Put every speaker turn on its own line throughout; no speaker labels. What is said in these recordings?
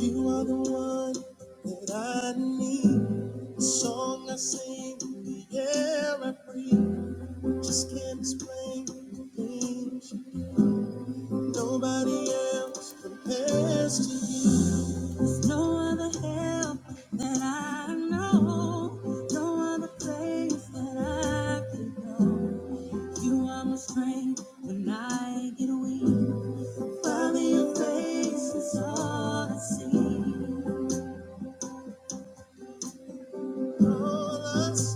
You are the one that I need. The song I sing, the air I breathe. Just can't explain the things nobody else compares to you. There's no help that I know, no other place that I can go. You are my strength when I get weak. Father, your face is all I see. All I see.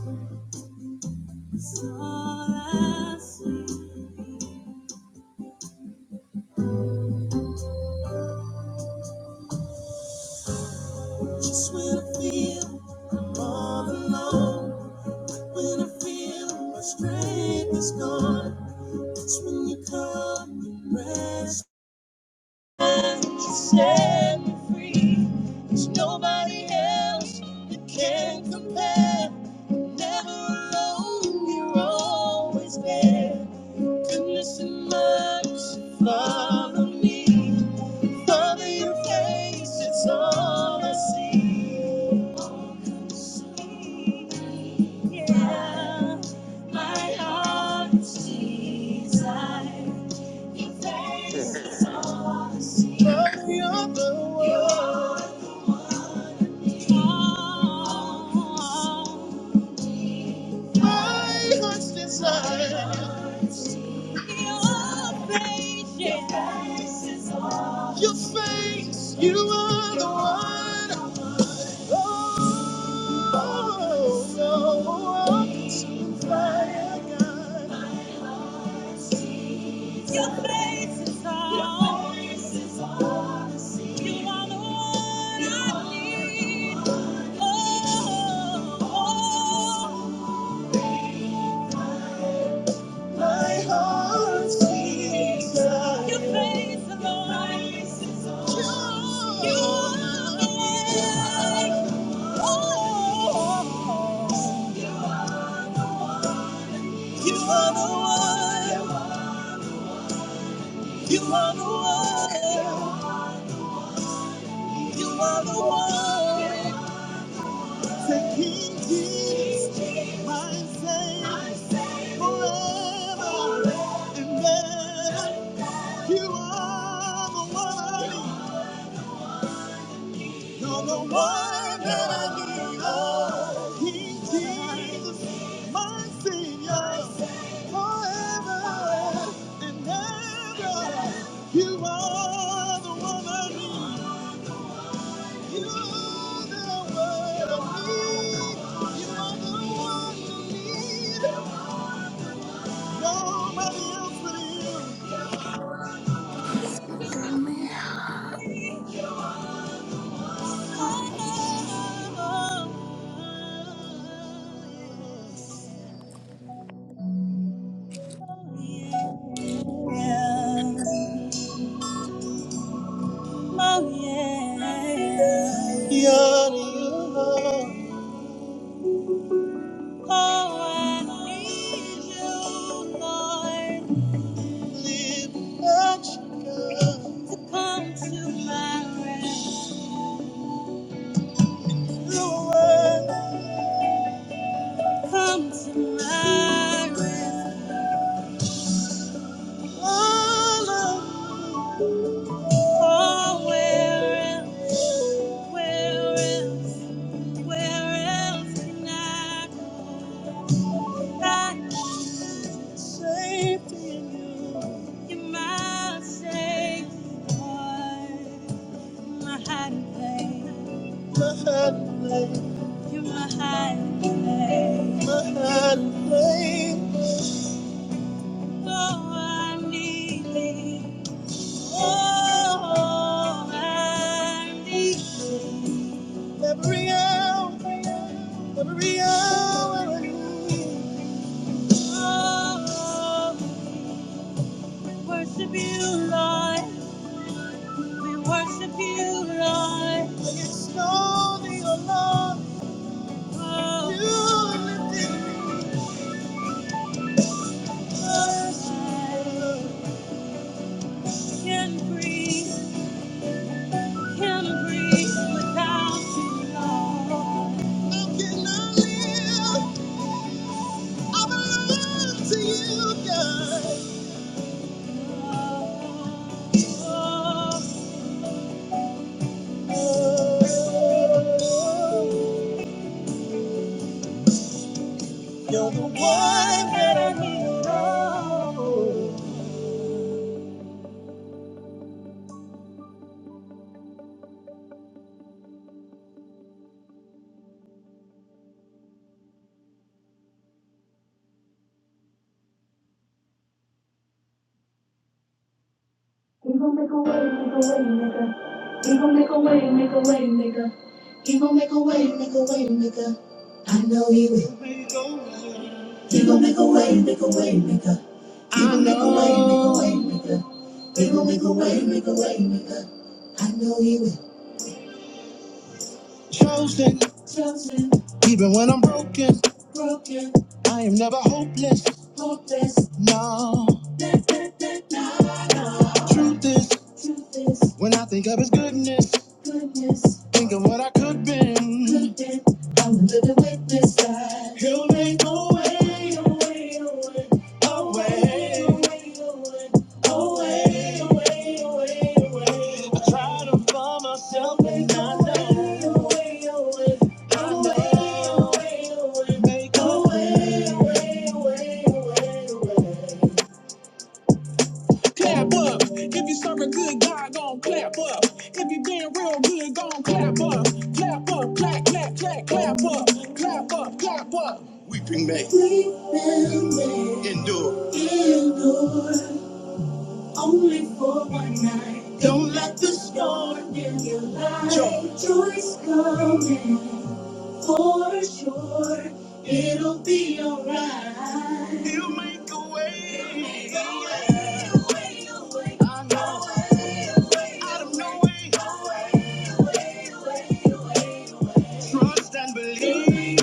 Just when I feel all alone, when I feel my strength is gone, that's when you come, you rest, and you set me free. There's nobody else that can compare. Never alone, you're always there. Goodness and mercy follow me. Father, your face, it's all I see. Yeah, my heart's desire. Your face is
Mm.
all I see. Worthy of the world. You're the one. My heart's desire. Your face, yeah. Your face is all. Your face, you are the one. Oh, no, I can see the Your face is on. Your face You are the one I need. Oh, oh. my heart sings. out. Your face is on. Your face You are the one. Oh, oh, oh. you are the one. You are the one. You are the one. Say, King Jesus, my Savior, forever and ever. You are the one. You're the one that I need. Oh, King Jesus, my Savior, forever and ever. You are the one I need. Oh, yeah. Oh, yeah. Oh, yeah. Oh, yeah. Oh, I need you, Lord. So come to my rescue. come to my rescue. All of you, oh, where else, where else, where else can I go? I. Safety in you, you're my safe Lord. My hiding place, my hiding place. You're my hiding place, my hiding place. Oh, I need thee. Oh, I need thee. Every hour, every hour. I need thee. Oh, worship you, Lord. We worship you, Lord. When it's lonely, oh Lord, oh, you lifted me. Oh, I can't breathe, can't breathe without you, Lord. How can I live? I belong to you, God. Oh, oh, oh. oh, oh. You're the one that I need. Oh. He gon' make a way, make a way, maker. He gon' make a way, make a way, maker. He gon' make a way, make a way, maker. I know he will. He gon' make a way, make a way, maker. He gon' make a way, make a way, maker. He gon' make a way, make a way, maker. I know he will. Chosen, chosen. Even when I'm broken, broken. I am never hopeless, hopeless. No. Na, na, na, na, no. Truth is, truth is. When I think of His goodness, goodness. Think of what I could been. Could been. I'm a living witness that He'll make a way, a way, a way. I try to find myself and I know, I know. Make a way, way, way, way, way. Clap up. If you serve a good God, gon' clap up. If you been real good, gon' clap up. Clap up, clap, clap, clap, clap up. Clap up, clap up. Weeping may. Weeping may. Endure. Endure. Only for one night. Don't let the storm in your life. Joy. Joy's coming. You make a way. You make a way. I know. out of no way. Trust and believe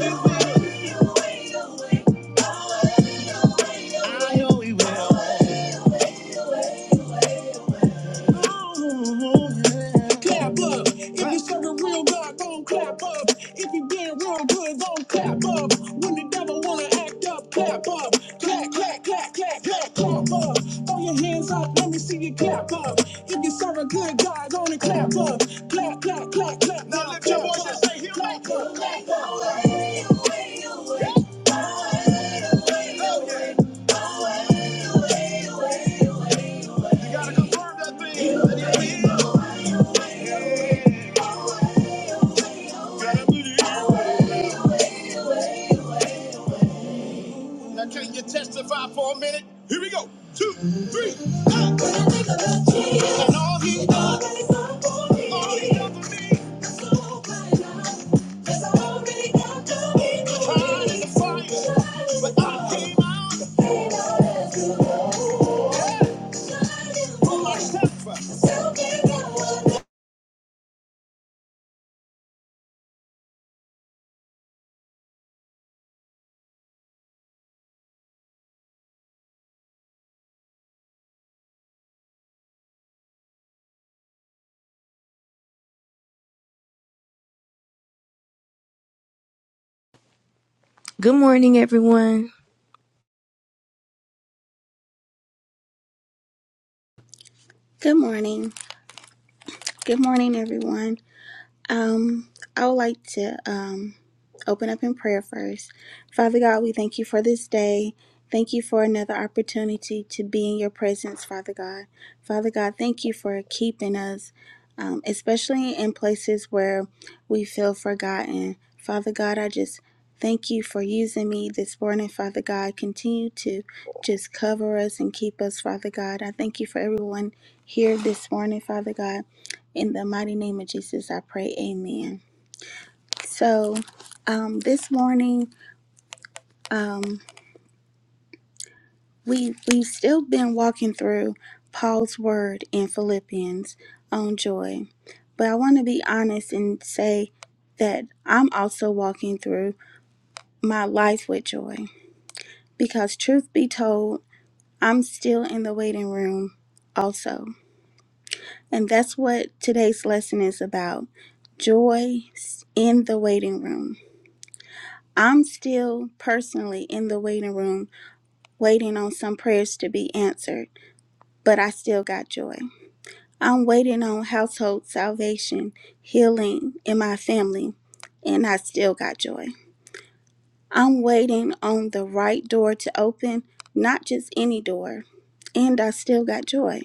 I know he will. Clap up. If you serve a real God, gon' clap up. If you did real good, gon' clap up. When the devil wanna act up, clap up. Clap, clap, clap, clap, clap, clap up. Throw your hands up, let me see you clap up. If you serve a good God, gonna clap up. Clap, clap, clap, clap. Now clap, lift your clap, voice and say, he'll make up. You gotta confirm that thing. Heal me. Gotta believe. can you testify for a minute? Here we go. Two, three. And all he does is try to fight, but I came for myself.
Good morning. Good morning, everyone. Um, I would like to um, open up in prayer first. Father God, we thank you for this day. Thank you for another opportunity to be in your presence, Father God. Father God, thank you for keeping us, um, especially in places where we feel forgotten. Father God, I just thank you for using me this morning, Father God. Continue to just cover us and keep us, Father God. I thank you for everyone here this morning, Father God. In the mighty name of Jesus, I pray. Amen. So, um, this morning, um, we we've still been walking through Paul's word in Philippians on joy, but I want to be honest and say that I'm also walking through my life with joy because, truth be told, I'm still in the waiting room, also, and that's what today's lesson is about: joy in the waiting room. I'm still personally in the waiting room waiting on some prayers to be answered, but I still got joy. I'm waiting on household salvation, healing in my family, and I still got joy. I'm waiting on the right door to open, not just any door, and I still got joy.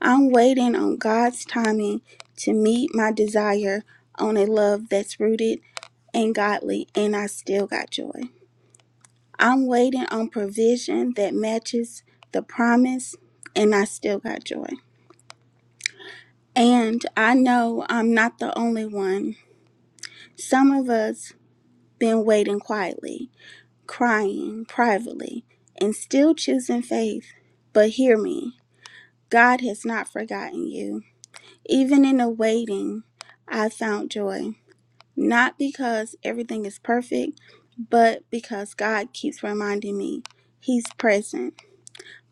I'm waiting on God's timing to meet my desire on a love that's rooted and godly, and I still got joy. I'm waiting on provision that matches the promise, and I still got joy. And I know I'm not the only one. Some of us been waiting quietly, crying privately, and still choosing faith. But hear me, God has not forgotten you. Even in the waiting, I found joy. Not because everything is perfect, but because God keeps reminding me He's present.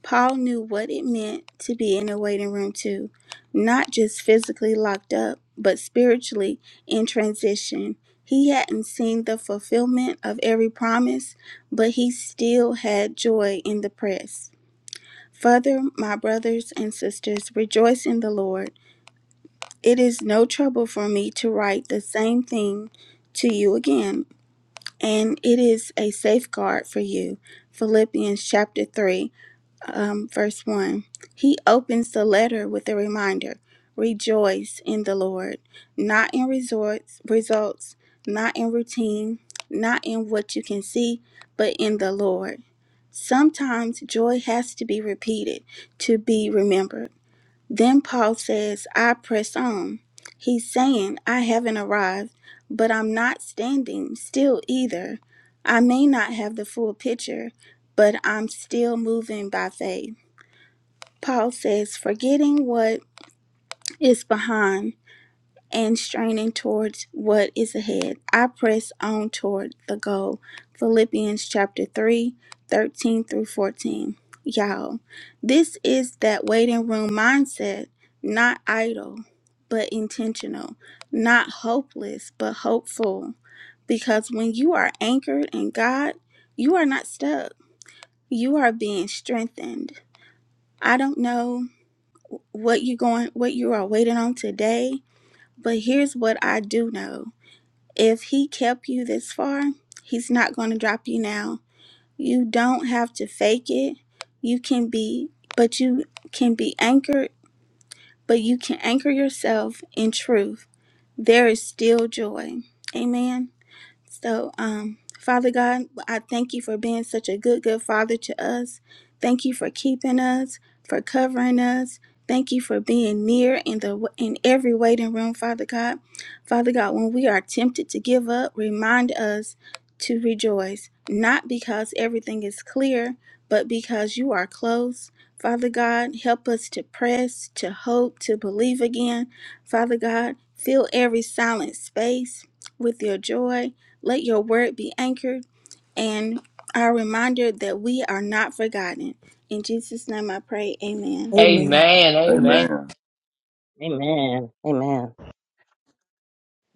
Paul knew what it meant to be in a waiting room, too, not just physically locked up, but spiritually in transition. He hadn't seen the fulfillment of every promise, but he still had joy in the press. Further, my brothers and sisters, rejoice in the Lord. It is no trouble for me to write the same thing to you again, and it is a safeguard for you. Philippians chapter 3 um, verse 1. He opens the letter with a reminder Rejoice in the Lord, not in resorts, results, not in routine, not in what you can see, but in the Lord. Sometimes joy has to be repeated to be remembered. Then Paul says, I press on. He's saying, I haven't arrived, but I'm not standing still either. I may not have the full picture, but I'm still moving by faith. Paul says, forgetting what is behind and straining towards what is ahead, I press on toward the goal. Philippians chapter 3, 13 through 14. Y'all, this is that waiting room mindset, not idle, but intentional, not hopeless, but hopeful. Because when you are anchored in God, you are not stuck, you are being strengthened. I don't know what you going what you are waiting on today but here's what i do know if he kept you this far he's not going to drop you now you don't have to fake it you can be but you can be anchored but you can anchor yourself in truth there is still joy amen so, um, Father God, I thank you for being such a good, good father to us. Thank you for keeping us, for covering us. Thank you for being near in the in every waiting room, Father God. Father God, when we are tempted to give up, remind us to rejoice, not because everything is clear, but because you are close. Father God, help us to press, to hope, to believe again. Father God, fill every silent space with your joy. Let your word be anchored and our reminder that we are not forgotten. In Jesus' name I pray, amen.
Amen.
Amen. Amen.
Amen.
Amen. Amen.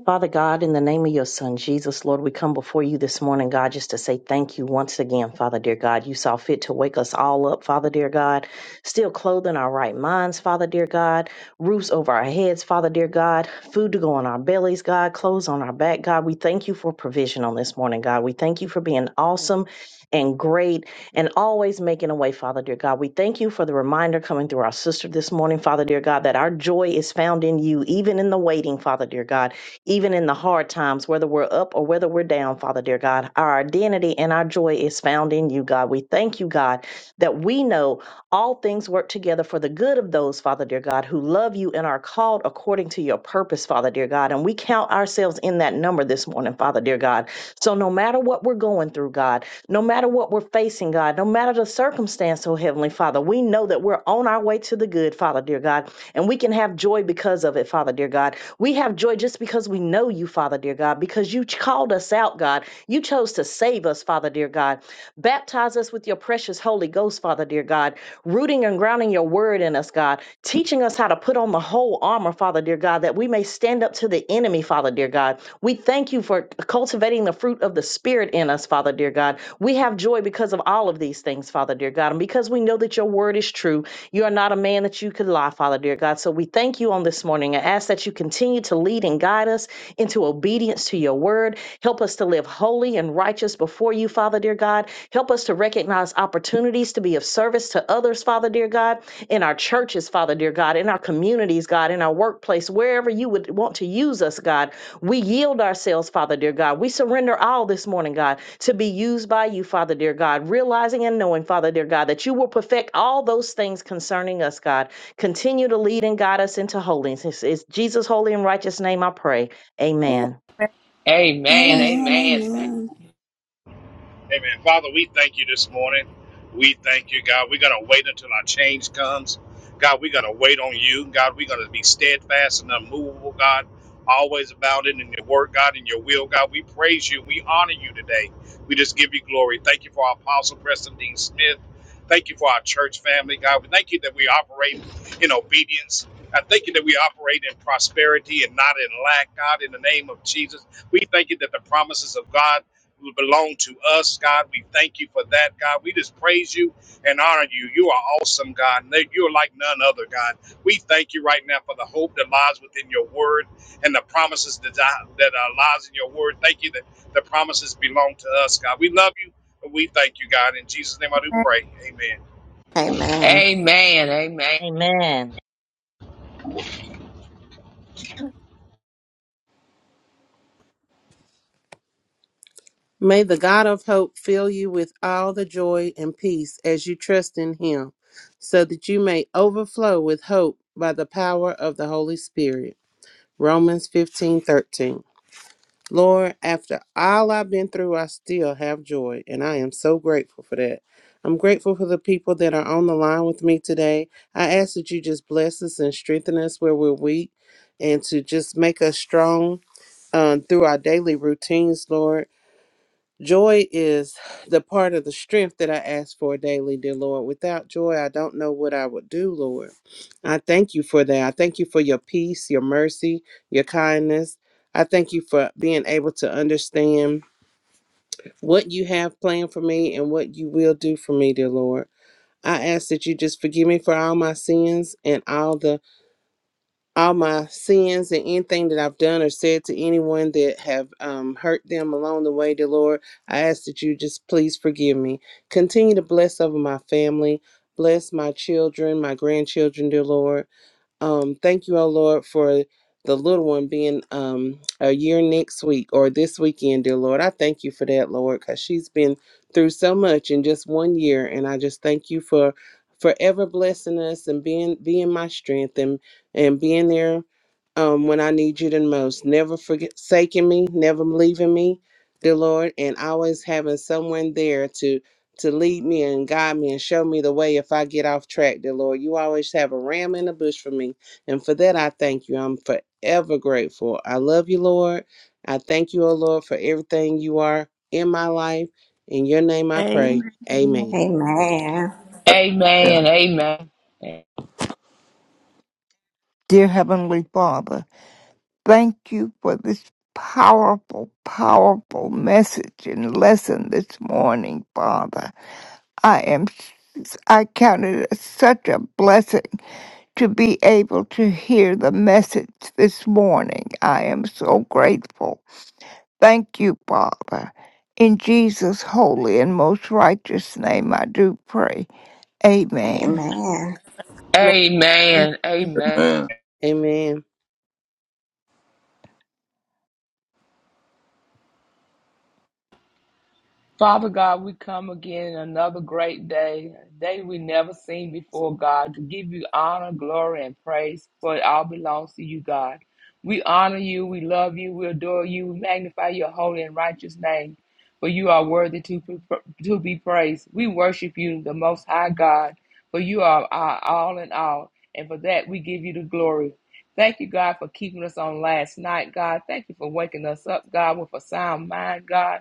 Father God, in the name of your Son, Jesus, Lord, we come before you this morning, God, just to say thank you once again, Father, dear God. You saw fit to wake us all up, Father, dear God. Still clothing our right minds, Father, dear God. Roofs over our heads, Father, dear God. Food to go on our bellies, God. Clothes on our back, God. We thank you for provision on this morning, God. We thank you for being awesome and great and always making a way, Father, dear God. We thank you for the reminder coming through our sister this morning, Father, dear God, that our joy is found in you, even in the waiting, Father, dear God even in the hard times, whether we're up or whether we're down, Father dear God. Our identity and our joy is found in you, God. We thank you, God, that we know all things work together for the good of those, Father dear God, who love you and are called according to your purpose, Father dear God. And we count ourselves in that number this morning, Father dear God. So no matter what we're going through, God, no matter what we're facing, God, no matter the circumstance, oh Heavenly Father, we know that we're on our way to the good, Father dear God and we can have joy because of it, Father, dear God. We have joy just because we know you, Father, dear God, because you ch- called us out, God. You chose to save us, Father, dear God. Baptize us with your precious Holy Ghost, Father, dear God, rooting and grounding your word in us, God, teaching us how to put on the whole armor, Father, dear God, that we may stand up to the enemy, Father, dear God. We thank you for cultivating the fruit of the Spirit in us, Father, dear God. We have joy because of all of these things, Father, dear God, and because we know that your word is true. You are not a man that you could lie, our Father, dear God. So we thank you on this morning and ask that you continue to lead and guide us into obedience to your word. Help us to live holy and righteous before you, Father, dear God. Help us to recognize opportunities to be of service to others, Father, dear God, in our churches, Father, dear God, in our communities, God, in our workplace, wherever you would want to use us, God. We yield ourselves, Father, dear God. We surrender all this morning, God, to be used by you, Father, dear God, realizing and knowing, Father, dear God, that you will perfect all those things concerning us, God. Continue to lead and guide us into holiness. It's, it's Jesus' holy and righteous name I pray. Amen.
Amen.
Amen.
Amen,
Amen.
amen.
Amen. Father, we thank you this morning. We thank you, God. We're going to wait until our change comes. God, we're going to wait on you. God, we're going to be steadfast and unmovable, God, always about it in your work, God, in your will, God. We praise you. We honor you today. We just give you glory. Thank you for our apostle, Preston Dean Smith. Thank you for our church family, God. We thank you that we operate in obedience. I thank you that we operate in prosperity and not in lack, God, in the name of Jesus. We thank you that the promises of God who belong to us, God. We thank you for that, God. We just praise you and honor you. You are awesome, God. No, You're like none other, God. We thank you right now for the hope that lies within your word and the promises that, that uh, lies in your word. Thank you that the promises belong to us, God. We love you and we thank you, God. In Jesus' name I do pray. Amen.
Amen.
Amen. Amen.
Amen.
May the God of hope fill you with all the joy and peace as you trust in him, so that you may overflow with hope by the power of the Holy Spirit. Romans 15 13. Lord, after all I've been through, I still have joy, and I am so grateful for that. I'm grateful for the people that are on the line with me today. I ask that you just bless us and strengthen us where we're weak, and to just make us strong um, through our daily routines, Lord. Joy is the part of the strength that I ask for daily, dear Lord. Without joy, I don't know what I would do, Lord. I thank you for that. I thank you for your peace, your mercy, your kindness. I thank you for being able to understand what you have planned for me and what you will do for me, dear Lord. I ask that you just forgive me for all my sins and all the all my sins and anything that I've done or said to anyone that have um, hurt them along the way, dear Lord, I ask that you just please forgive me. Continue to bless over my family, bless my children, my grandchildren, dear Lord. Um, thank you, O Lord, for the little one being um, a year next week or this weekend, dear Lord. I thank you for that, Lord, because she's been through so much in just one year, and I just thank you for forever blessing us and being being my strength and and being there um, when I need you the most. Never forsaking me, never leaving me, dear Lord, and always having someone there to to lead me and guide me and show me the way if I get off track, dear Lord. You always have a ram in the bush for me. And for that, I thank you. I'm forever grateful. I love you, Lord. I thank you, O Lord, for everything you are in my life. In your name I pray.
Amen.
Amen.
Amen.
Amen.
Amen. Amen.
Dear Heavenly Father, thank you for this powerful, powerful message and lesson this morning, Father. I am, I count it as such a blessing to be able to hear the message this morning. I am so grateful. Thank you, Father. In Jesus' holy and most righteous name, I do pray. Amen.
Amen.
Amen. Amen.
Amen.
Amen.
Father God, we come again another great day, a day we never seen before, God, to give you honor, glory, and praise, for it all belongs to you, God. We honor you, we love you, we adore you, we magnify your holy and righteous name, for you are worthy to, be- to be praised. We worship you, the Most High God, for you are our all in all, and for that we give you the glory. Thank you, God, for keeping us on last night, God. Thank you for waking us up, God, with a sound mind, God.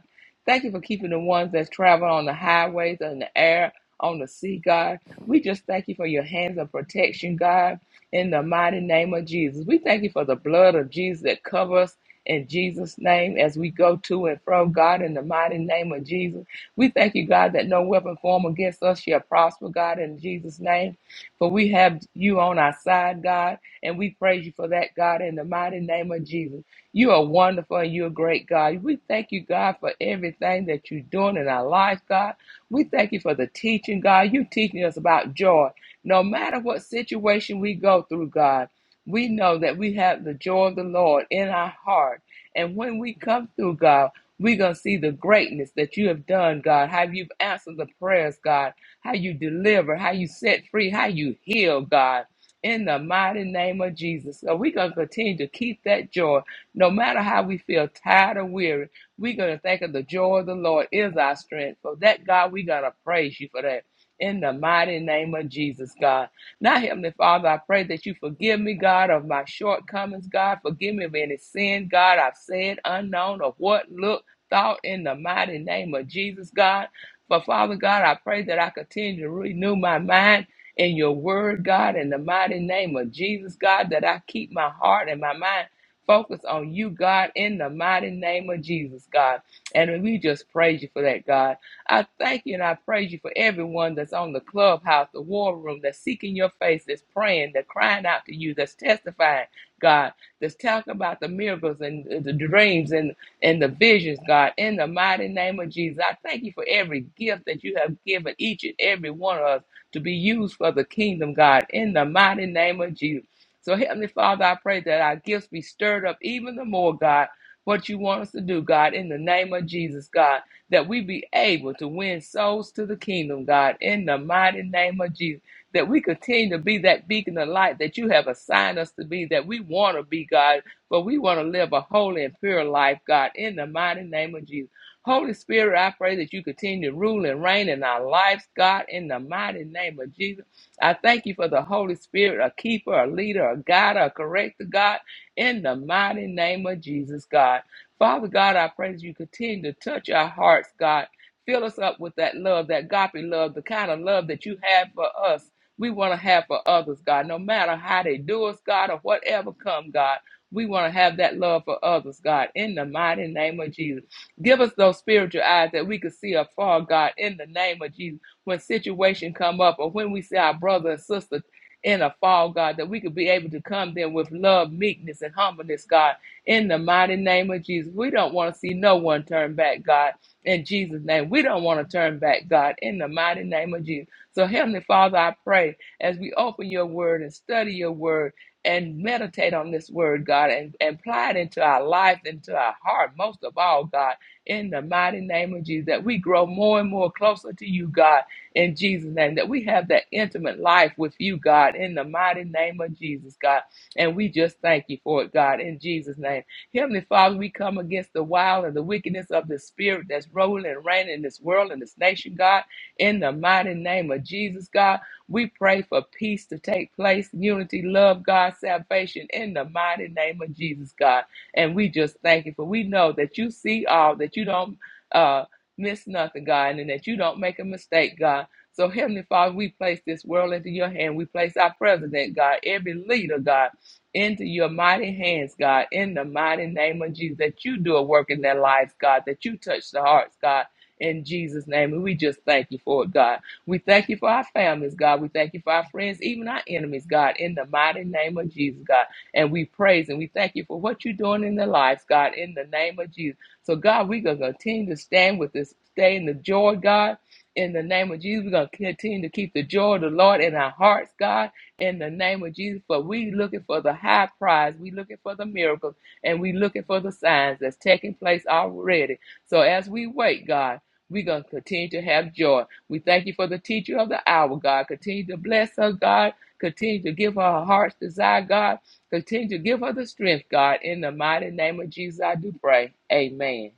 Thank you for keeping the ones that's traveling on the highways, in the air, on the sea, God. We just thank you for your hands of protection, God, in the mighty name of Jesus. We thank you for the blood of Jesus that covers in Jesus' name as we go to and fro, God, in the mighty name of Jesus. We thank you, God, that no weapon formed against us shall prosper, God, in Jesus' name. For we have you on our side, God, and we praise you for that, God, in the mighty name of Jesus. You are wonderful and you're a great God. We thank you, God, for everything that you're doing in our lives, God. We thank you for the teaching, God. You teaching us about joy. No matter what situation we go through, God, we know that we have the joy of the Lord in our heart. And when we come through, God, we're going to see the greatness that you have done, God, how you've answered the prayers, God, how you deliver, how you set free, how you heal, God, in the mighty name of Jesus. So we're going to continue to keep that joy no matter how we feel tired or weary, we're going to think of the joy of the Lord is our strength. For that, God, we're going to praise you for that. In the mighty name of Jesus, God. Now, Heavenly Father, I pray that you forgive me, God, of my shortcomings, God. Forgive me of any sin, God, I've said, unknown, of what, look, thought, in the mighty name of Jesus, God. But Father God, I pray that I continue to renew my mind in your word, God, in the mighty name of Jesus, God, that I keep my heart and my mind. Focus on you, God, in the mighty name of Jesus, God. And we just praise you for that, God. I thank you and I praise you for everyone that's on the clubhouse, the war room, that's seeking your face, that's praying, that's crying out to you, that's testifying, God, that's talking about the miracles and uh, the dreams and, and the visions, God, in the mighty name of Jesus. I thank you for every gift that you have given each and every one of us to be used for the kingdom, God, in the mighty name of Jesus. So, Heavenly Father, I pray that our gifts be stirred up even the more, God, what you want us to do, God, in the name of Jesus, God, that we be able to win souls to the kingdom, God, in the mighty name of Jesus, that we continue to be that beacon of light that you have assigned us to be, that we want to be, God, but we want to live a holy and pure life, God, in the mighty name of Jesus. Holy Spirit, I pray that you continue to rule and reign in our lives, God, in the mighty name of Jesus. I thank you for the Holy Spirit, a keeper, a leader, a guide, a corrector, God, in the mighty name of Jesus, God. Father God, I pray that you continue to touch our hearts, God. Fill us up with that love, that agape love, the kind of love that you have for us. We want to have for others, God, no matter how they do us, God, or whatever come, God. We want to have that love for others, God, in the mighty name of Jesus. Give us those spiritual eyes that we can see afar, God, in the name of Jesus when situation come up or when we see our brother and sister in a fall, God, that we could be able to come there with love, meekness, and humbleness, God, in the mighty name of Jesus. We don't want to see no one turn back, God, in Jesus' name. We don't want to turn back, God, in the mighty name of Jesus. So, Heavenly Father, I pray as we open your word and study your word and meditate on this word, God, and, and apply it into our life, into our heart, most of all, God, in the mighty name of Jesus, that we grow more and more closer to you, God in Jesus' name, that we have that intimate life with you, God, in the mighty name of Jesus, God. And we just thank you for it, God, in Jesus' name. Heavenly Father, we come against the wild and the wickedness of the spirit that's rolling and reigning in this world and this nation, God, in the mighty name of Jesus, God. We pray for peace to take place, unity, love, God, salvation, in the mighty name of Jesus, God. And we just thank you for we know that you see all, that you don't uh, miss nothing, God, and that you don't make a mistake, God. So, Heavenly Father, we place this world into your hand. We place our president, God, every leader, God, into your mighty hands, God, in the mighty name of Jesus, that you do a work in their lives, God, that you touch the hearts, God. In Jesus' name, and we just thank you for it, God. We thank you for our families, God. We thank you for our friends, even our enemies, God, in the mighty name of Jesus, God. And we praise and we thank you for what you're doing in their lives, God, in the name of Jesus. So, God, we're going to continue to stand with this, stay in the joy, God. In the name of Jesus, we're going to continue to keep the joy of the Lord in our hearts, God. In the name of Jesus, for we looking for the high prize. We looking for the miracles and we looking for the signs that's taking place already. So as we wait, God, we're going to continue to have joy. We thank you for the teacher of the hour, God. Continue to bless her, God. Continue to give her her heart's desire, God. Continue to give her the strength, God. In the mighty name of Jesus, I do pray. Amen.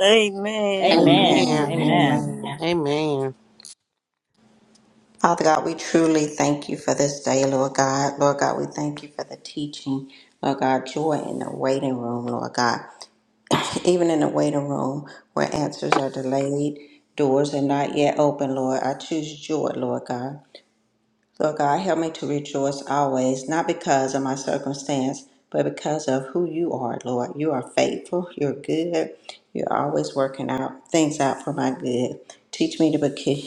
Amen.
Amen.
Amen,
Amen.
Amen.
Amen.
amen.
Amen.
Amen.
Father God, we truly thank you for this day, Lord God. Lord God, we thank you for the teaching. Lord God, joy in the waiting room, Lord God. Even in the waiting room where answers are delayed, doors are not yet open, Lord. I choose joy, Lord God. Lord God, help me to rejoice always, not because of my circumstance, but because of who you are, Lord. You are faithful, you're good, you're always working out things out for my good. Teach me to be,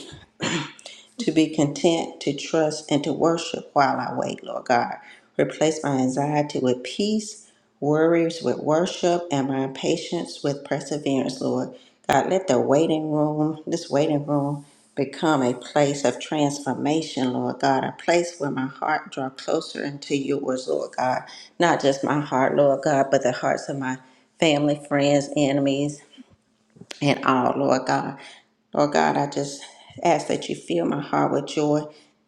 to be content, to trust, and to worship while I wait, Lord God. Replace my anxiety with peace, worries with worship, and my impatience with perseverance, Lord. God, let the waiting room, this waiting room, become a place of transformation, Lord God, a place where my heart draw closer into yours, Lord God. Not just my heart, Lord God, but the hearts of my family, friends, enemies, and all, Lord God. Lord God, I just ask that you fill my heart with joy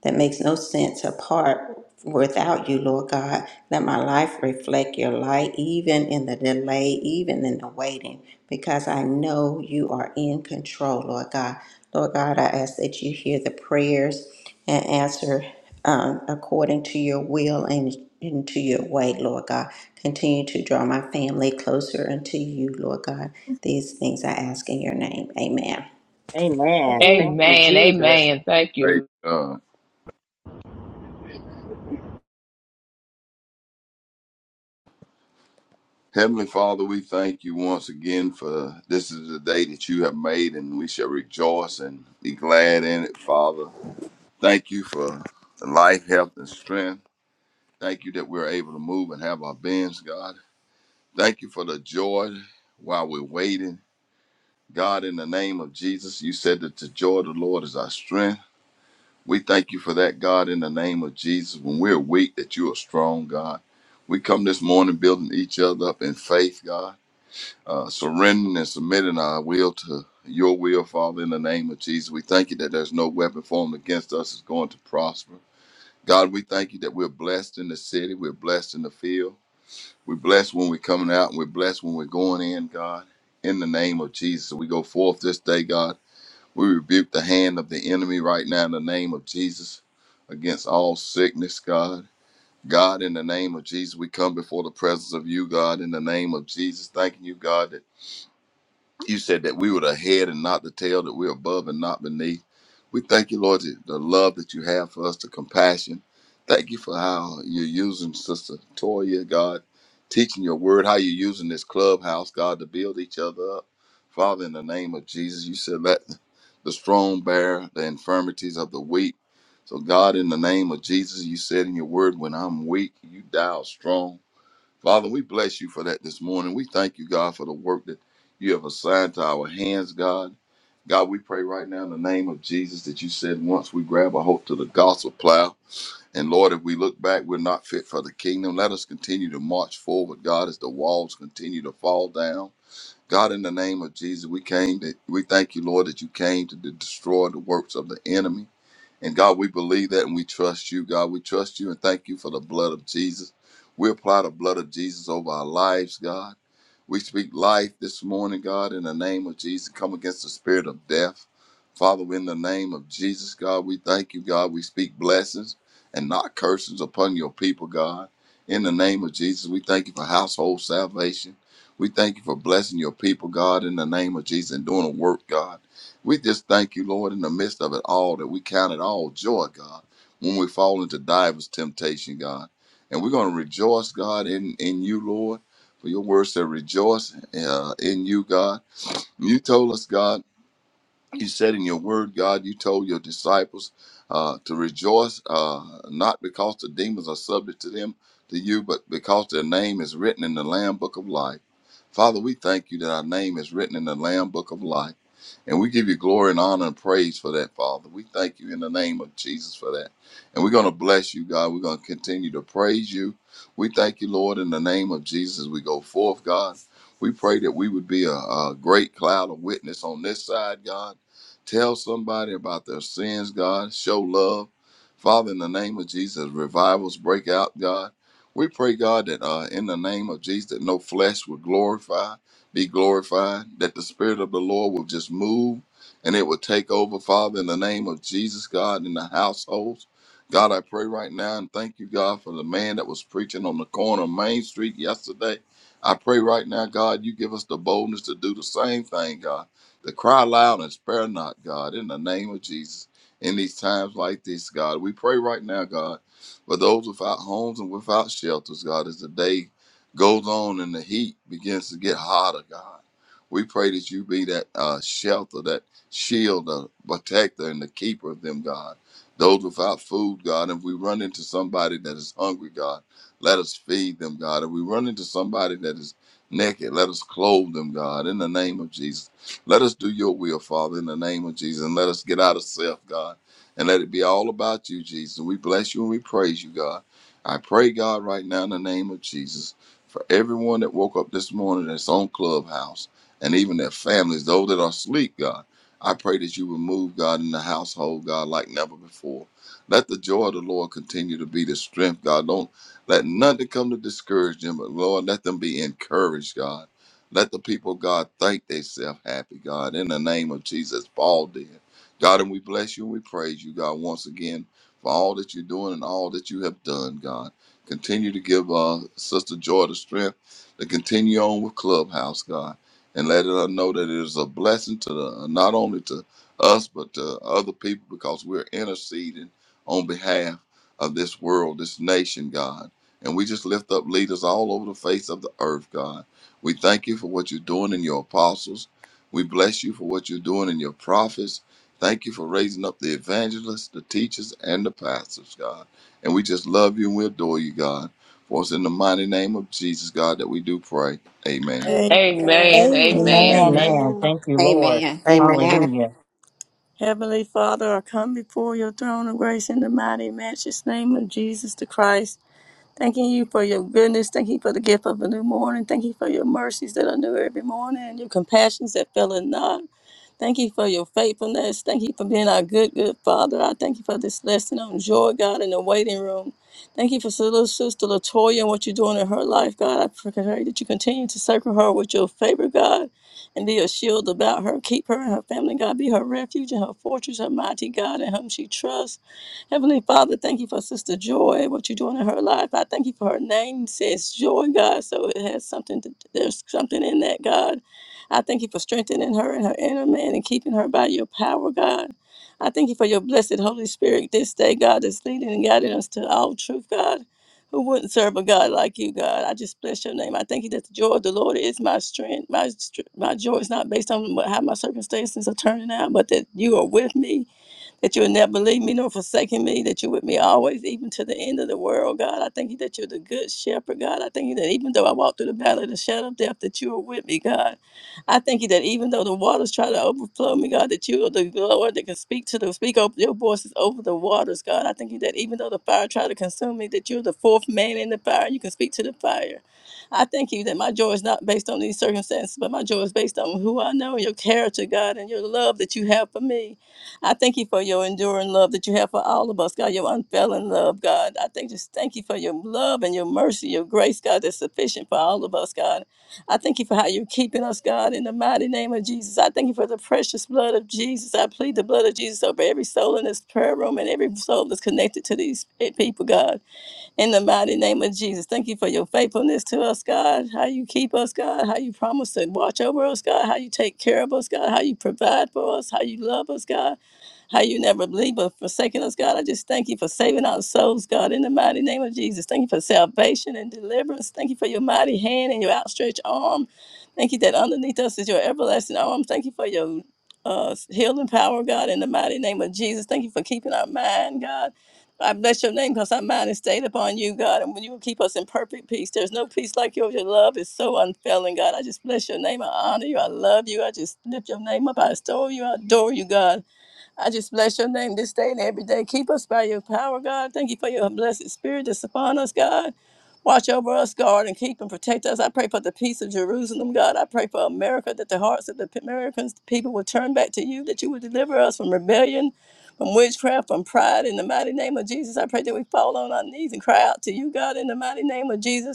that makes no sense apart without you, Lord God. Let my life reflect your light, even in the delay, even in the waiting, because I know you are in control, Lord God. Lord God, I ask that you hear the prayers and answer um, according to your will and into your way, Lord God. Continue to draw my family closer unto you, Lord God. These things I ask in your name. Amen.
Amen. Thank you,
Amen.
Jesus.
Amen. Thank you.
Praise God. Heavenly Father, we thank you once again for this is the day that you have made, and we shall rejoice and be glad in it, Father. Thank you for life, health, and strength. Thank you that we're able to move and have our beings, God. Thank you for the joy while we're waiting. God, in the name of Jesus, you said that the joy of the Lord is our strength. We thank you for that, God, in the name of Jesus. When we're weak, that you are strong, God. We come this morning building each other up in faith, God, uh, surrendering and submitting our will to your will, Father, in the name of Jesus. We thank you that there's no weapon formed against us is going to prosper. God, we thank you that we're blessed in the city, we're blessed in the field, we're blessed when we're coming out, and we're blessed when we're going in, God. In the name of Jesus, we go forth this day, God we rebuke the hand of the enemy right now in the name of Jesus against all sickness, God. God, in the name of Jesus, we come before the presence of you, God, in the name of Jesus, thanking you, God, that you said that we were the head and not the tail, that we're above and not beneath. We thank you, Lord, that the love that you have for us, the compassion. Thank you for how you're using Sister Toya, God, teaching your word, how you're using this clubhouse, God, to build each other up. Father, in the name of Jesus, you said let the strong bear the infirmities of the weak. So, God, in the name of Jesus, you said in your word, when I'm weak, you dial strong. Father, we bless you for that this morning. We thank you, God, for the work that you have assigned to our hands, God. God, we pray right now in the name of Jesus that you said once we grab a hold to the gospel plow. And Lord, if we look back, we're not fit for the kingdom. Let us continue to march forward, God, as the walls continue to fall down. God, in the name of Jesus, we came to, we thank you, Lord, that you came to de- destroy the works of the enemy. And God, we believe that and we trust you. God, we trust you and thank you for the blood of Jesus. We apply the blood of Jesus over our lives, God. We speak life this morning, God, in the name of Jesus. Come against the spirit of death. Father, in the name of Jesus, God, we thank you, God. We speak blessings and not curses upon your people, God. In the name of Jesus, we thank you for household salvation. We thank you for blessing your people, God, in the name of Jesus and doing a work, God. We just thank you, Lord, in the midst of it all that we count it all joy, God, when we fall into divers temptation, God. And we're going to rejoice, God, in, in you, Lord for your word said, rejoice uh, in you, God. And you told us, God, you said in your word, God, you told your disciples uh, to rejoice, uh, not because the demons are subject to them, to you, but because their name is written in the Lamb Book of Life. Father, we thank you that our name is written in the Lamb Book of Life. And we give you glory and honor and praise for that, Father. We thank you in the name of Jesus for that. And we're going to bless you, God. We're going to continue to praise you. We thank you, Lord, in the name of Jesus. We go forth, God. We pray that we would be a, a great cloud of witness on this side, God Tell somebody about their sins, God. Show love. Father, in the name of Jesus, revivals break out, God. We pray, God, that uh, in the name of Jesus, that no flesh will glorify, be glorified, that the Spirit of the Lord will just move and it will take over, Father, in the name of Jesus, God, in the households. God, I pray right now and thank you, God, for the man that was preaching on the corner of Main Street yesterday. I pray right now, God, you give us the boldness to do the same thing, God to cry loud and spare not, God, in the name of Jesus. In these times like this, God, we pray right now, God, for those without homes and without shelters, God, as the day goes on and the heat begins to get hotter, God. We pray that you be that uh, shelter, that shield, the protector, and the keeper of them, God. Those without food, God, if we run into somebody that is hungry, God, let us feed them, God. If we run into somebody that is naked, let us clothe them, God, in the name of Jesus. Let us do your will, Father, in the name of Jesus. And let us get out of self, God. And let it be all about you, Jesus. We bless you and we praise you, God. I pray, God, right now in the name of Jesus, for everyone that woke up this morning that's on Clubhouse and even their families, those that are asleep, God. I pray that you would move, God, in the household, God, like never before. Let the joy of the Lord continue to be the strength, God. Don't let nothing come to discourage them, but Lord, let them be encouraged, God let the people of God think themselves happy, God, in the name of Jesus. Paul did. God, and we bless you and we praise you, God, once again for all that you're doing and all that you have done, God. Continue to give uh, Sister Joy the strength to continue on with Clubhouse, God, and let her know that it is a blessing to the, not only to us, but to other people because we're interceding on behalf of this world, this nation, God. And we just lift up leaders all over the face of the earth, God we thank you for what you're doing in your apostles. We bless you for what you're doing in your prophets. Thank you for raising up the evangelists, the teachers, and the pastors, God. And we just love you and we adore you, God. For it's in the mighty name of Jesus, God, that we do pray. Amen.
Amen.
Amen,
Amen.
Amen.
Thank,
Amen.
amen.
Thank you, Lord.
Amen.
Amen.
Amen.
Hallelujah.
Heavenly Father, I come before your throne of grace in the mighty matchless name of Jesus the Christ. Thanking you for your goodness. Thank you for the gift of a new morning. Thank you for your mercies that are new every morning, and your compassions that fail not. Thank you for your faithfulness. Thank you for being our good, good Father. I thank you for this lesson on joy, God, in the waiting room. Thank you for so little sister Latoya and what you're doing in her life, God. I pray that you continue to circle her with your favor, God, and be a shield about her. Keep her and her family, God. Be her refuge and her fortress, her mighty God, in whom she trusts. Heavenly Father, thank you for Sister Joy, what you're doing in her life. I thank you for her name says Joy, God. So it has something to, there's something in that, God. I thank you for strengthening her and her inner man and keeping her by your power, God. I thank you for your blessed Holy Spirit this day, God, that's leading and guiding us to all truth, God. Who wouldn't serve a God like you, God? I just bless your name. I thank you that the joy of the Lord is my strength. My str- my joy is not based on what- how my circumstances are turning out, but that you are with me that you would never leave me nor forsaken me, that you're with me always, even to the end of the world, God. I thank you that you're the good shepherd, God. I thank you that even though I walk through the valley of the shadow of death, that you are with me, God. I thank you that even though the waters try to overflow me, God, that you are the Lord that can speak to the speak over your voices over the waters, God. I thank you that even though the fire try to consume me, that you're the fourth man in the fire, you can speak to the fire. I thank you that my joy is not based on these circumstances, but my joy is based on who I know and your character, God, and your love that you have for me. I thank you for your enduring love that you have for all of us, God, your unfailing love, God. I thank just thank you for your love and your mercy, your grace, God, that's sufficient for all of us, God. I thank you for how you're keeping us, God, in the mighty name of Jesus. I thank you for the precious blood of Jesus. I plead the blood of Jesus over every soul in this prayer room and every soul that's connected to these people, God, in the mighty name of Jesus. Thank you for your faithfulness to us, God, how you keep us, God, how you promise to watch over us, God, how you take care of us, God, how you provide for us, how you love us, God how you never leave or forsaken us, God. I just thank you for saving our souls, God, in the mighty name of Jesus. Thank you for salvation and deliverance. Thank you for your mighty hand and your outstretched arm. Thank you that underneath us is your everlasting arm. Thank you for your uh, healing power, God, in the mighty name of Jesus. Thank you for keeping our mind, God. I bless your name because our mind is stayed upon you, God, and when you will keep us in perfect peace. There's no peace like yours. Your love is so unfailing, God. I just bless your name. I honor you. I love you. I just lift your name up. I adore you. I adore you, God. I just bless your name this day and every day. Keep us by your power, God. Thank you for your blessed spirit that's upon us, God. Watch over us, guard, and keep and protect us. I pray for the peace of Jerusalem, God. I pray for America, that the hearts of the Americans, people will turn back to you, that you will deliver us from rebellion, from witchcraft, from pride. In the mighty name of Jesus, I pray that we fall on our knees and cry out to you, God, in the mighty name of Jesus.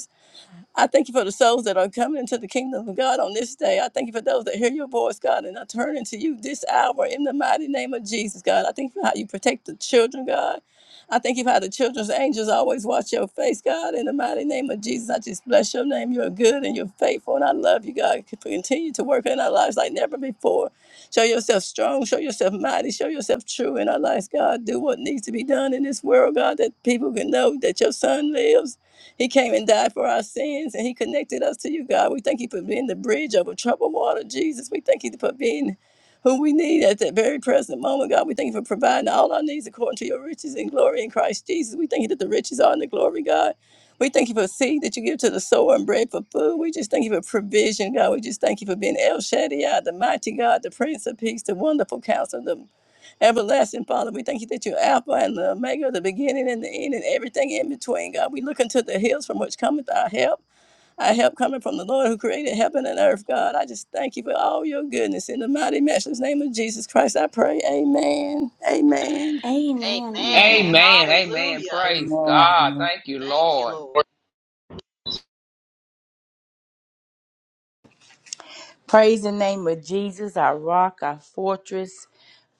I thank you for the souls that are coming into the kingdom of God on this day. I thank you for those that hear your voice, God, and are turning to you this hour in the mighty name of Jesus, God. I thank you for how you protect the children, God. I thank you for how the children's angels always watch your face, God. In the mighty name of Jesus, I just bless your name. You are good and you're faithful, and I love you, God. Continue to work in our lives like never before. Show yourself strong, show yourself mighty, show yourself true in our lives, God. Do what needs to be done in this world, God, that people can know that your son lives he came and died for our sins and he connected us to you, God. We thank you for being the bridge over troubled water, Jesus. We thank you for being who we need at that very present moment, God. We thank you for providing all our needs according to your riches and glory in Christ Jesus. We thank you that the riches are in the glory, God. We thank you for seed that you give to the sower and bread for food. We just thank you for provision, God. We just thank you for being El Shaddai, the mighty God, the Prince of Peace, the wonderful counselor, the Everlasting Father, we thank you that you're Alpha and the Omega, the beginning and the end, and everything in between. God, we look unto the hills from which cometh our help. Our help coming from the Lord who created heaven and earth. God, I just thank you for all your goodness. In the mighty, matchless name of Jesus Christ, I pray. Amen. Amen.
Amen,
Amen.
amen.
amen. Amen.
Hallelujah.
Praise God.
Amen.
Thank you,
Thank you,
Lord.
Lord.
Praise the name of Jesus, our rock, our fortress,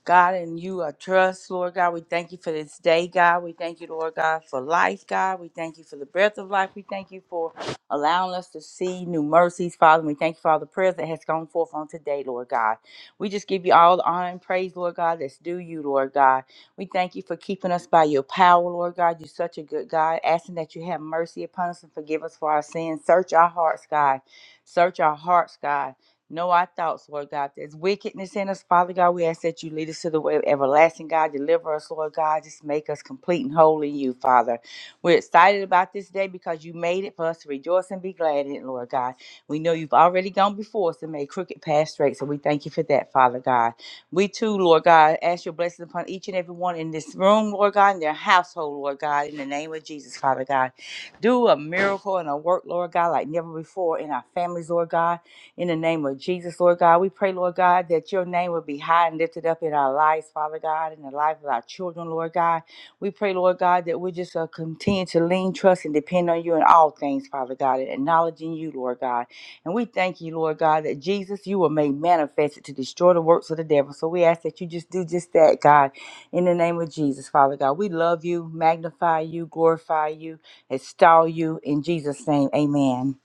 God, and you I trust, Lord God. We thank you for this day, God. We thank you, Lord God, for life, God. We thank you for the breath of life. We thank you for allowing us to see new mercies, Father. we thank you for all the prayers that has gone forth on today, Lord God. We just give you all the honor and praise, Lord God, that's due you, Lord God. We thank you for keeping us by your power, Lord God. You're such a good God. Asking that you have mercy upon us and forgive us for our sins. Search our hearts, God. Search our hearts, God. Know our thoughts, Lord God. There's wickedness in us, Father God. We ask that you lead us to the way of everlasting, God. Deliver us, Lord God. Just make us complete and whole in you, Father. We're excited about this day because you made it for us to rejoice and be glad in it, Lord God. We know you've already gone before us and made crooked paths straight, so we thank you for that, Father God. We too, Lord God, ask your blessings upon each and every one in this room, Lord God, in their household, Lord God, in the name of Jesus, Father God. Do a miracle and a work, Lord God, like never before in our families, Lord God in the name of Jesus, Lord God, we pray, Lord God, that your name would be high and lifted up in our lives, Father God, in the life of our children, Lord God. We pray, Lord God, that we just uh, continue to lean, trust, and depend on you in all things, Father God, and acknowledging you, Lord God. And we thank you, Lord God, that Jesus, you were made manifested to destroy the works of the devil. So we ask that you just do just that, God, in the name of Jesus, Father God. We love you, magnify you, glorify you, extol you. In Jesus' name, amen.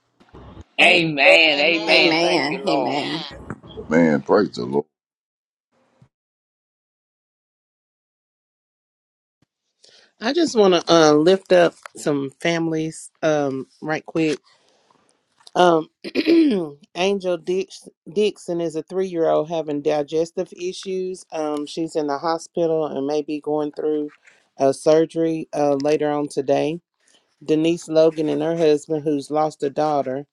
Amen.
Amen.
Amen.
Amen. Thank
Amen.
you, Lord.
Amen.
Man, praise the Lord.
I just want to uh, lift up some families um, right quick. Um, Angel Dix- Dixon is a three year old having digestive issues. Um, she's in the hospital and may be going through a surgery uh, later on today. Denise Logan and her husband, who's lost a daughter.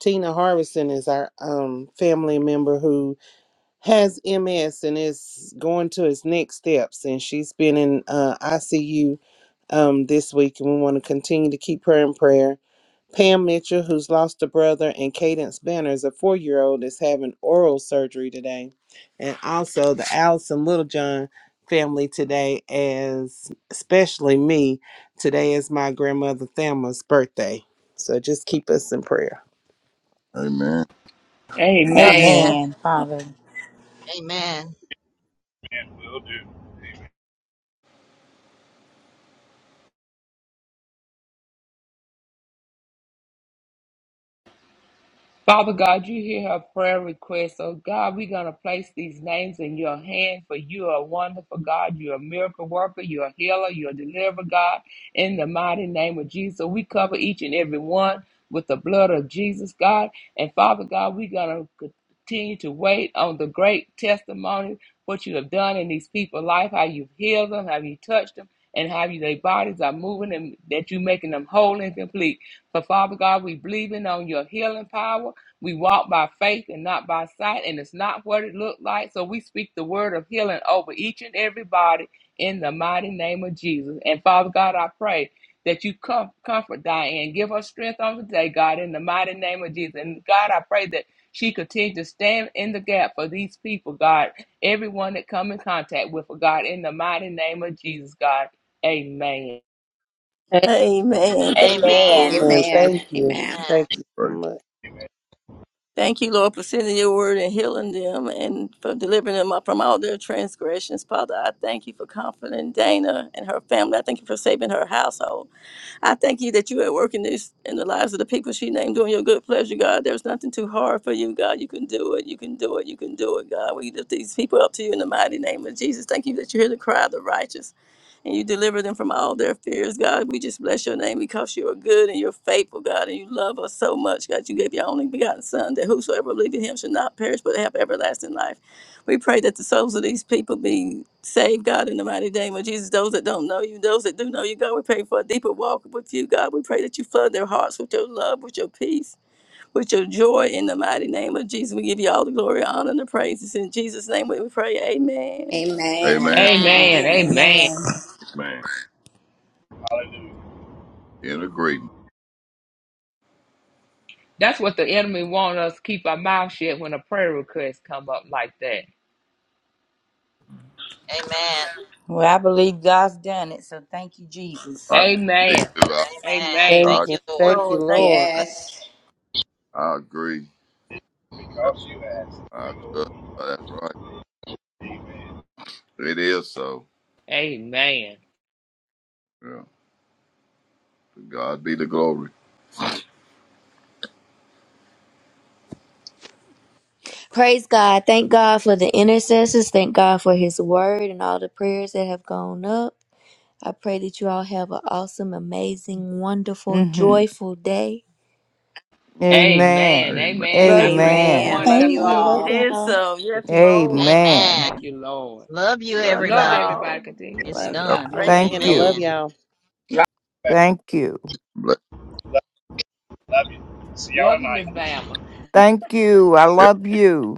Tina Harrison is our um, family member who has MS and is going to his next steps. And she's been in uh, ICU um, this week, and we want to continue to keep her in prayer. Pam Mitchell, who's lost a brother, and Cadence Banners, a four year old, is having oral surgery today. And also the Allison Littlejohn family today, as especially me, today is my grandmother Thelma's birthday. So just keep us in prayer.
Amen.
Amen.
Amen, Father.
Amen. Amen.
Amen. Will do. Amen.
Father God, you hear her prayer request. Oh God, we're going to place these names in your hand for you are a wonderful God. You're a miracle worker. You're a healer. You're a deliverer, God. In the mighty name of Jesus, we cover each and every one with the blood of Jesus, God. And Father God, we're going to continue to wait on the great testimony, what you have done in these people's life, how you've healed them, how you touched them, and how you, their bodies are moving and that you're making them whole and complete. But Father God, we believing on your healing power. We walk by faith and not by sight, and it's not what it looked like. So we speak the word of healing over each and everybody in the mighty name of Jesus. And Father God, I pray that you com- comfort Diane. Give her strength on today, God, in the mighty name of Jesus. And God, I pray that she continue to stand in the gap for these people, God, everyone that come in contact with her, God, in the mighty name of Jesus, God. Amen.
Amen. Thank you,
Amen.
Amen.
Lord.
and
Amen.
Thank you.
Amen.
Thank you so
Praise.
much.
Thank you, Lord, for sending your word and healing them and for delivering them up from all their transgressions. Father, I thank you for comforting Dana and her family. I thank you for saving her household. I thank you that you are working this in the lives of the people she named, doing your good pleasure, God. There's nothing too hard for you, God. You can do it. You can do it. You can do it, God. We lift these people up to you in the mighty name of Jesus. Thank you that you hear the cry of the righteous and you deliver them from all their fears, God. We just bless your name because you are good and you're faithful, God, and you love us so much, God. You gave your only begotten Son that whosoever believeth in him should not perish but have everlasting life. We pray that the souls of these people be saved, God, in the mighty name of Jesus. Those that don't know you, those that do know you, God, we pray for a deeper walk with you, God. We pray that you flood their hearts with your love, with your peace, with your joy in the mighty name of Jesus. We give you all the glory, honor, and the praises. In Jesus' name we pray, amen.
Amen.
Amen.
Amen.
Amen.
Amen.
Amen.
Amen.
Hallelujah.
In agreement.
That's what the enemy wants us to keep our mouth shut when a prayer request come up like that.
Amen.
Well, I believe God's done it, so thank you, Jesus.
I, me
Amen.
too. I,
Amen.
Thank
I,
Thank
you.
you, Lord.
Thank you,
Lord, thank you.
Lord.
Yes.
I agree. Yeah, I trust. That's right. It is so.
Amen.
Yeah. To God be the glory.
Praise God. Thank God for the intercessors. Thank God for his word and all the prayers that have gone up. I pray that you all have an awesome, amazing, wonderful,
hmm
joyful day.
Amen.
Amen.
Amen.
Amen. I pray
Amen.
everyone
Amen. Love
else
you
Amen.
do.
Love
It
all.
is
y'all.
so. Yes,
Continue to
Lord.
be.
Amen.
Thank
Amen.
you, Lord.
Love you,
Love
Love
everybody.
everybody.
y'all.
Continue to
It's
be.
Love y'all.
done.
Grace
Thank
and
Amen. I
peace.
love
you.
Amen.
y'all.
Thank you.
love you. See y'all
Love you,
tonight.
Miss Bama.
Thank you. I
Yeah.
love you.